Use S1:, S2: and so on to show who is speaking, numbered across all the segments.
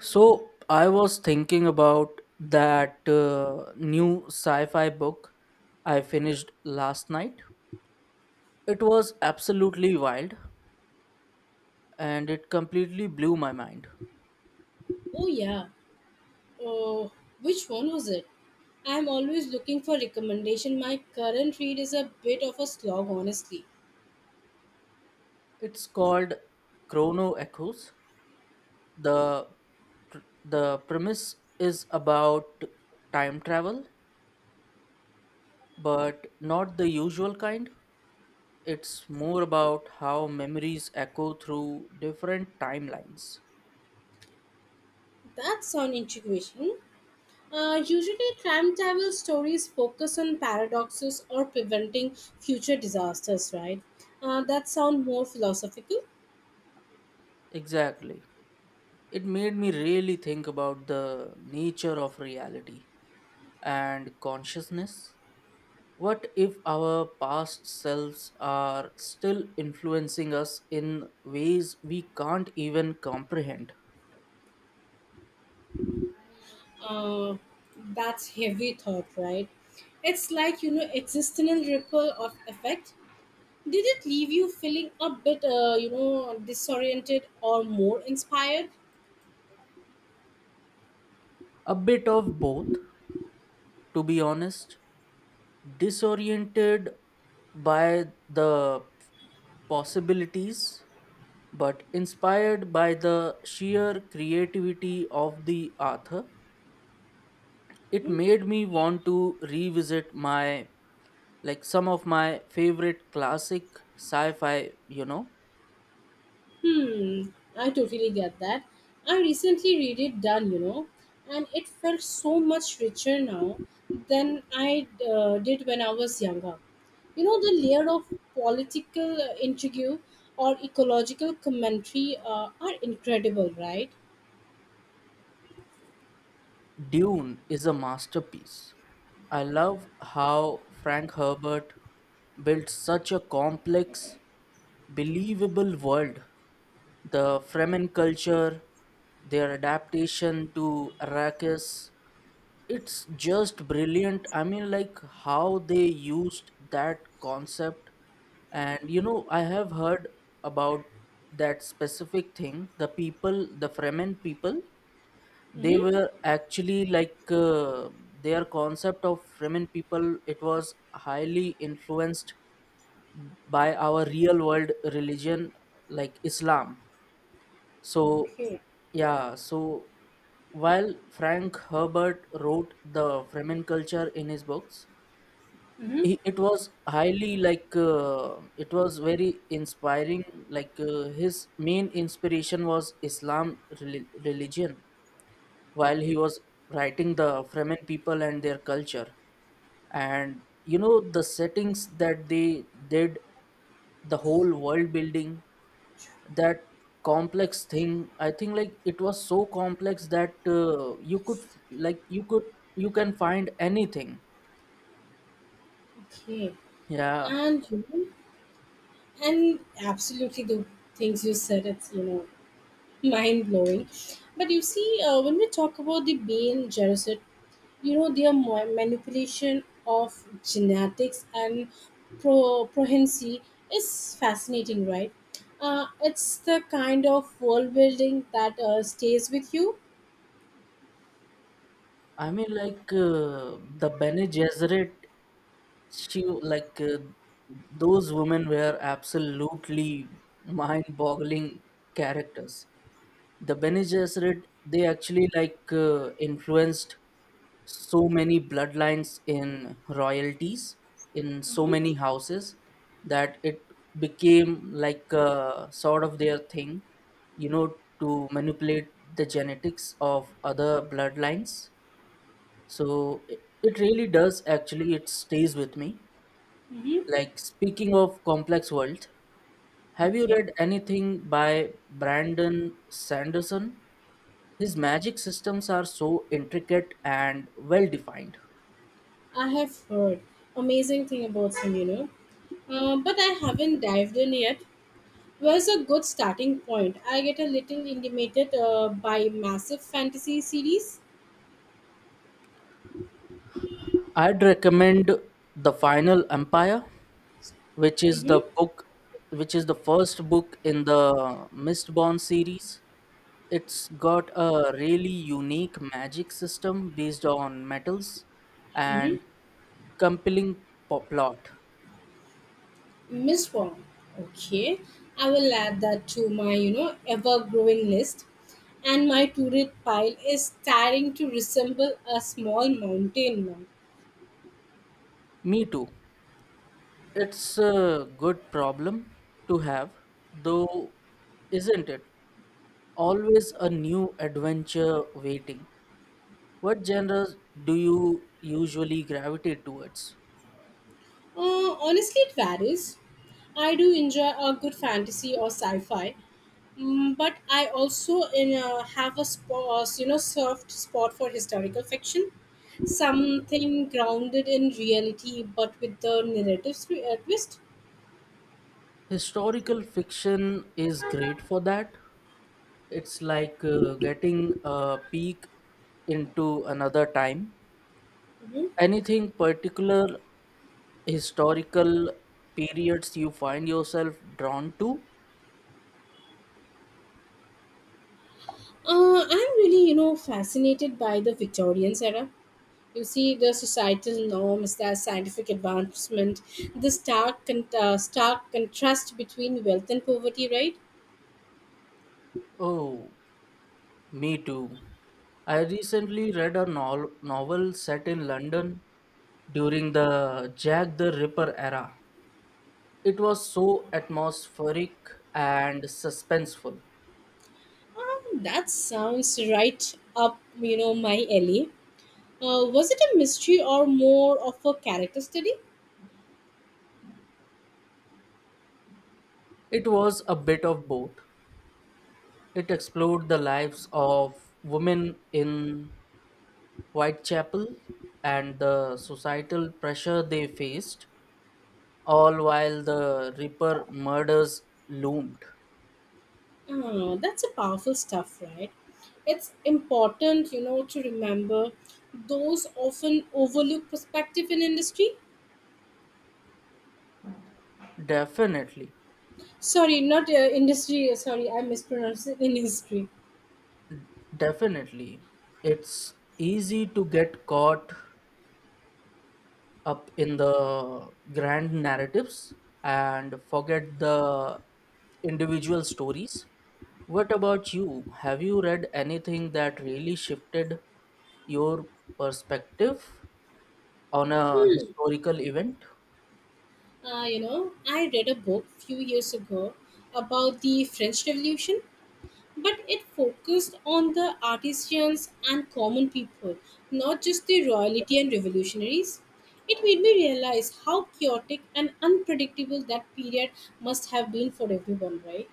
S1: So I was thinking about that new sci fi book I finished last night. It was absolutely wild and it completely blew my mind.
S2: Oh yeah. Oh, which one was it? I'm always looking for recommendation. My current read is a bit of a slog, honestly.
S1: It's called Chrono Echoes. The, pr- the premise is about time travel, but not the usual kind. It's more about how memories echo through different timelines.
S2: That sound intriguing. Usually, time travel stories focus on paradoxes or preventing future disasters, right? That sound more philosophical.
S1: Exactly. It made me really think about the nature of reality and consciousness. What if our past selves are still influencing us in ways we can't even comprehend?
S2: Uh, that's heavy thought, right? It's like existential ripple of effect. Did it leave you feeling a bit, disoriented or more inspired?
S1: A bit of both, to be honest. Disoriented by the possibilities, but inspired by the sheer creativity of the author, it made me want to revisit my like some of my favorite classic sci-fi.
S2: Hmm, I totally get that. I recently read it done, and it felt so much richer now than I did when I was younger. You know, the layer of political intrigue or ecological commentary are incredible, right?
S1: Dune is a masterpiece. I love how Frank Herbert built such a complex, believable world. The Fremen culture, their adaptation to Arrakis, it's just brilliant. I mean, like, how they used that concept. And you know, I have heard about that specific thing, the Fremen people, they
S2: Mm-hmm.
S1: were actually like, their concept of Fremen people, it was highly influenced by our real world religion, like Islam. So
S2: Okay.
S1: yeah, so while Frank Herbert wrote the Fremen culture in his books,
S2: Mm-hmm.
S1: it was highly like, it was very inspiring. Like, his main inspiration was Islam religion while he was writing the Fremen people and their culture. And you know the settings that they did, the whole world building, that complex thing. I think like it was so complex that you could, like you could, you can find anything.
S2: Okay.
S1: Yeah.
S2: And you know, And absolutely, the things you said, it's mind blowing. But you see, when we talk about the Bane Gerosid, you know their manipulation of genetics and prohensi is fascinating, right? It's the kind of world building that stays with you.
S1: I mean, like, the Bene Gesserit, she like, those women were absolutely mind-boggling characters. The Bene Gesserit, they actually like, influenced so many bloodlines in royalties, in so
S2: Mm-hmm.
S1: many houses, that it became like, sort of their thing, you know, to manipulate the genetics of other bloodlines. So it really does, actually it stays with me.
S2: Mm-hmm.
S1: Like, speaking of complex world, have you
S2: Okay,
S1: read anything by Brandon Sanderson? His magic systems are so intricate and well defined.
S2: I have heard amazing thing about him, but I haven't dived in yet. Was a good starting point. I get a little intimidated by massive fantasy series.
S1: I'd recommend The Final Empire, which is the
S2: Mm-hmm,
S1: book which is the first book in the Mistborn series. It's got a really unique magic system based on metals and
S2: mm-hmm.
S1: compelling plot.
S2: Miss Wong. Okay, I will add that to my ever-growing list. And my to-read pile is starting to resemble a small mountain now.
S1: Me too. It's a good problem to have, though, isn't it? Always a new adventure waiting. What genres do you usually gravitate towards?
S2: Honestly, it varies. I do enjoy a good fantasy or sci-fi. Mm, but I also in have a spot, you know, soft spot for historical fiction, something grounded in reality but with the narrative twist.
S1: Historical fiction is great for that. It's like, getting a peek into another time.
S2: hmm
S1: Anything particular historical periods you find yourself drawn to?
S2: I'm really, you know, fascinated by the Victorian era. You see the societal norms, the scientific advancement, the stark, stark contrast between wealth and poverty, right?
S1: Oh, me too. I recently read a novel set in London during the Jack the Ripper era. It was so atmospheric and suspenseful.
S2: That sounds right up, you know, my alley. Was it a mystery or more of a character study?
S1: It was a bit of both. It explored the lives of women in Whitechapel and the societal pressure they faced, all while the Ripper murders loomed.
S2: Oh, that's a powerful stuff, right? It's important, you know, to remember those often overlooked perspective in industry.
S1: Definitely.
S2: Sorry, not industry. Sorry, I mispronounced it. Industry.
S1: Definitely. It's easy to get caught up in the grand narratives and forget the individual stories. What about you? Have you read anything that really shifted your perspective on a
S2: Hmm.
S1: historical event?
S2: You know, I read a book few years ago about the French Revolution, but it focused on the artisans and common people, not just the royalty and revolutionaries. It made me realize how chaotic and unpredictable that period must have been for everyone, right?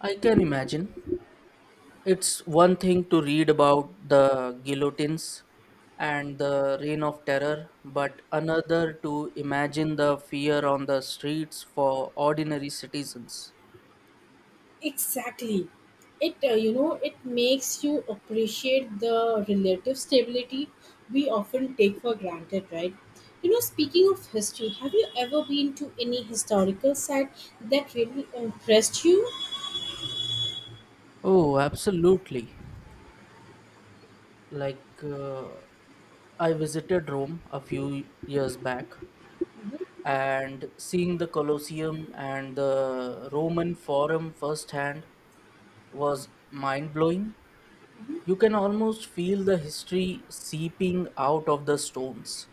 S1: I can imagine. It's one thing to read about the guillotines and the reign of terror, but another to imagine the fear on the streets for ordinary citizens.
S2: Exactly. It makes you appreciate the relative stability we often take for granted, right? You know, speaking of history, have you ever been to any historical site that really impressed you?
S1: Oh, absolutely. Like, I visited Rome a few years back, and seeing the Colosseum and the Roman Forum firsthand was mind blowing. You can almost feel the history seeping out of the stones.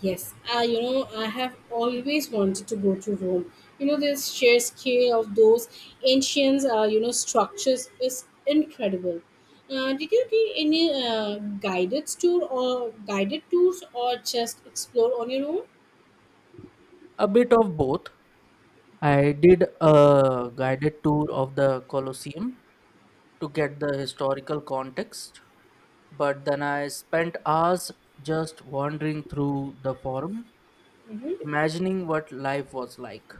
S2: Yes, I have always wanted to go to Rome. You know, this sheer scale of those ancient, structures is incredible. Did you do any guided tour or guided tours or just explore on your own?
S1: A bit of both. I did a guided tour of the Colosseum to get the historical context, but then I spent hours just wandering through the forum,
S2: hmm
S1: imagining what life was like.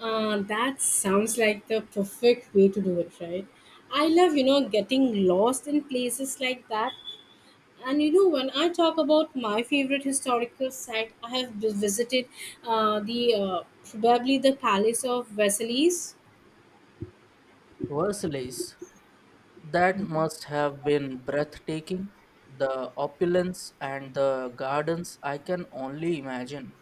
S2: that sounds like the perfect way to do it, right? I love, you know, getting lost in places like that. And you know, when I talk about my favorite historical site, I have visited the probably the Palace of Versailles.
S1: Versailles, that must have been breathtaking. The opulence and the gardens, I can only imagine.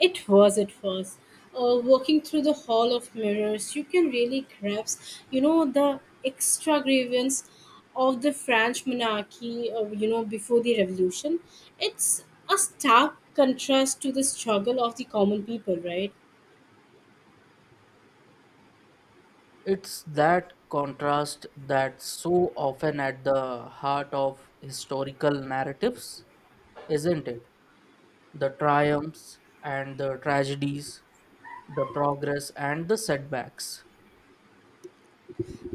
S2: It was. Walking through the Hall of Mirrors, you can really grasp, you know, the extravagance of the French monarchy, before the revolution. It's a stark contrast to the struggle of the common people, right?
S1: It's that contrast that's so often at the heart of historical narratives, isn't it? The triumphs and the tragedies, the progress and the setbacks.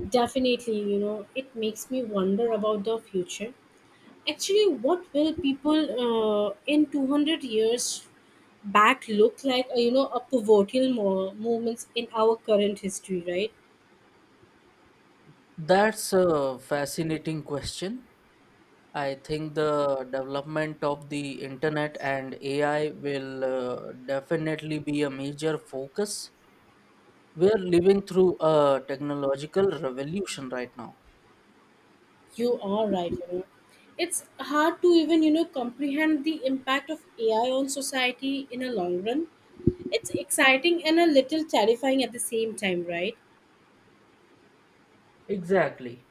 S2: Definitely, you know, it makes me wonder about the future. Actually, what will people in 200 years back look like? A pivotal moments in our current history, right?
S1: That's a fascinating question. I think the development of the internet and AI will definitely be a major focus. We are living through a technological revolution right now.
S2: You are right. You know, it's hard to even comprehend the impact of AI on society in a long run. It's exciting and a little terrifying at the same time, right?
S1: Exactly.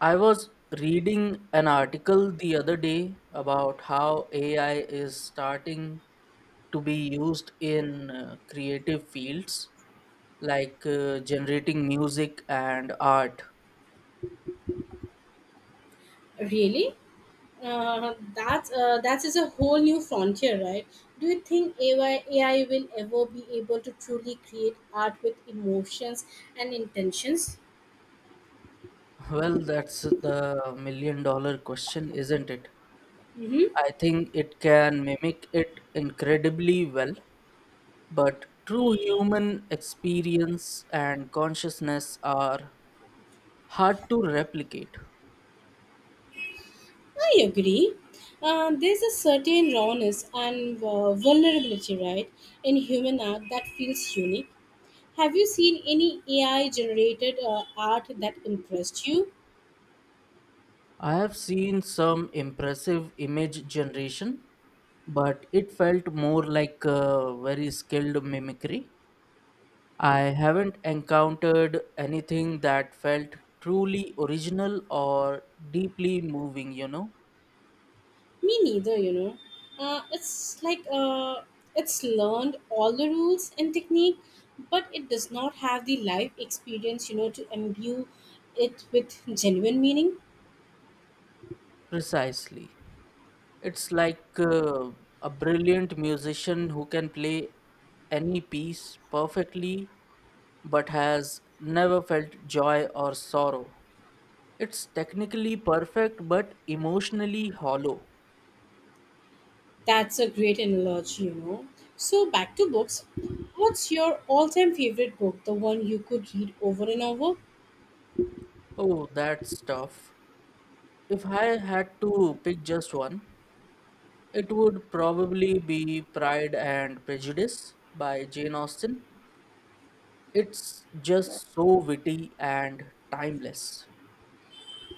S1: I was reading an article the other day about how AI is starting to be used in creative fields, like generating music and art.
S2: Really? That is a whole new frontier, right? Do you think AI will ever be able to truly create art with emotions and intentions?
S1: Well, that's the million dollar question, isn't it?
S2: Mm-hmm.
S1: I think it can mimic it incredibly well, but true human experience and consciousness are hard to replicate.
S2: I agree. There's a certain rawness and vulnerability, right, in human art that feels unique. Have you seen any AI generated art that impressed you?
S1: I have seen some impressive image generation, but it felt more like a very skilled mimicry. I haven't encountered anything that felt truly original or deeply moving, you know?
S2: Me neither, you know. Uh, it's like uh, it's learned all the rules and technique, but it does not have the life experience, you know, to imbue it with genuine meaning.
S1: Precisely. It's like, a brilliant musician who can play any piece perfectly but has never felt joy or sorrow. It's technically perfect but emotionally hollow.
S2: That's a great analogy, you know. So back to books. What's your all-time favorite book? The one you could read over and over?
S1: Oh, that's tough. If I had to pick just one, it would probably be Pride and Prejudice by Jane Austen. It's just so witty and timeless.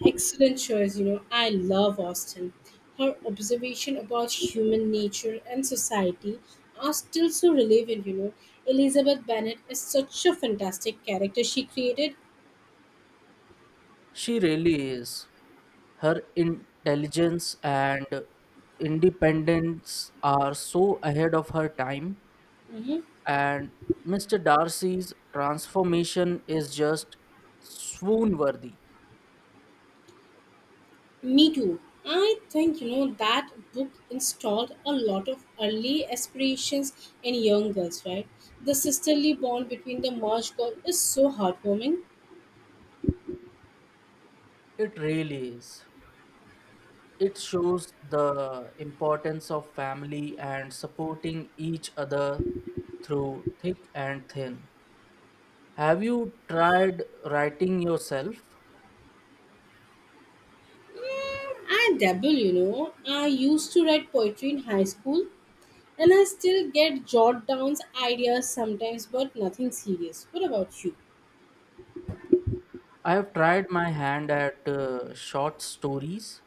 S2: Excellent choice, you know. I love Austen. Her observation about human nature and society are still so relevant, you know. Elizabeth Bennet is such a fantastic character she created.
S1: She really is. Her intelligence and independence are so ahead of her time,
S2: hmm
S1: and Mr. Darcy's transformation is just swoon worthy.
S2: Me too. I think, you know, that book installed a lot of early aspirations in young girls, right? The sisterly bond between the Marsh girl is so heartwarming.
S1: It really is. It shows the importance of family and supporting each other through thick and thin. Have you tried writing yourself?
S2: Mm, I dabble, you know. I used to write poetry in high school, and I still get jot down ideas sometimes, but nothing serious. What about you?
S1: I have tried my hand at short stories,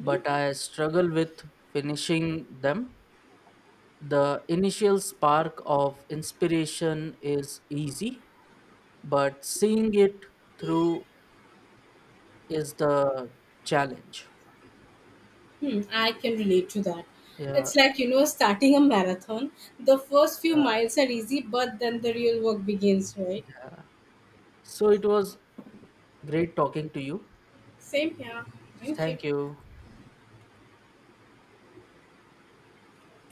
S1: but I struggle with finishing them. The initial spark of inspiration is easy, but seeing it through is the challenge.
S2: Hmm, I can relate to that.
S1: Yeah,
S2: It's like, you know, starting a marathon. The first few miles are easy, but then the real work begins, right?
S1: yeah. So it was great talking to you.
S2: Same here. Thank you.
S1: Thank you.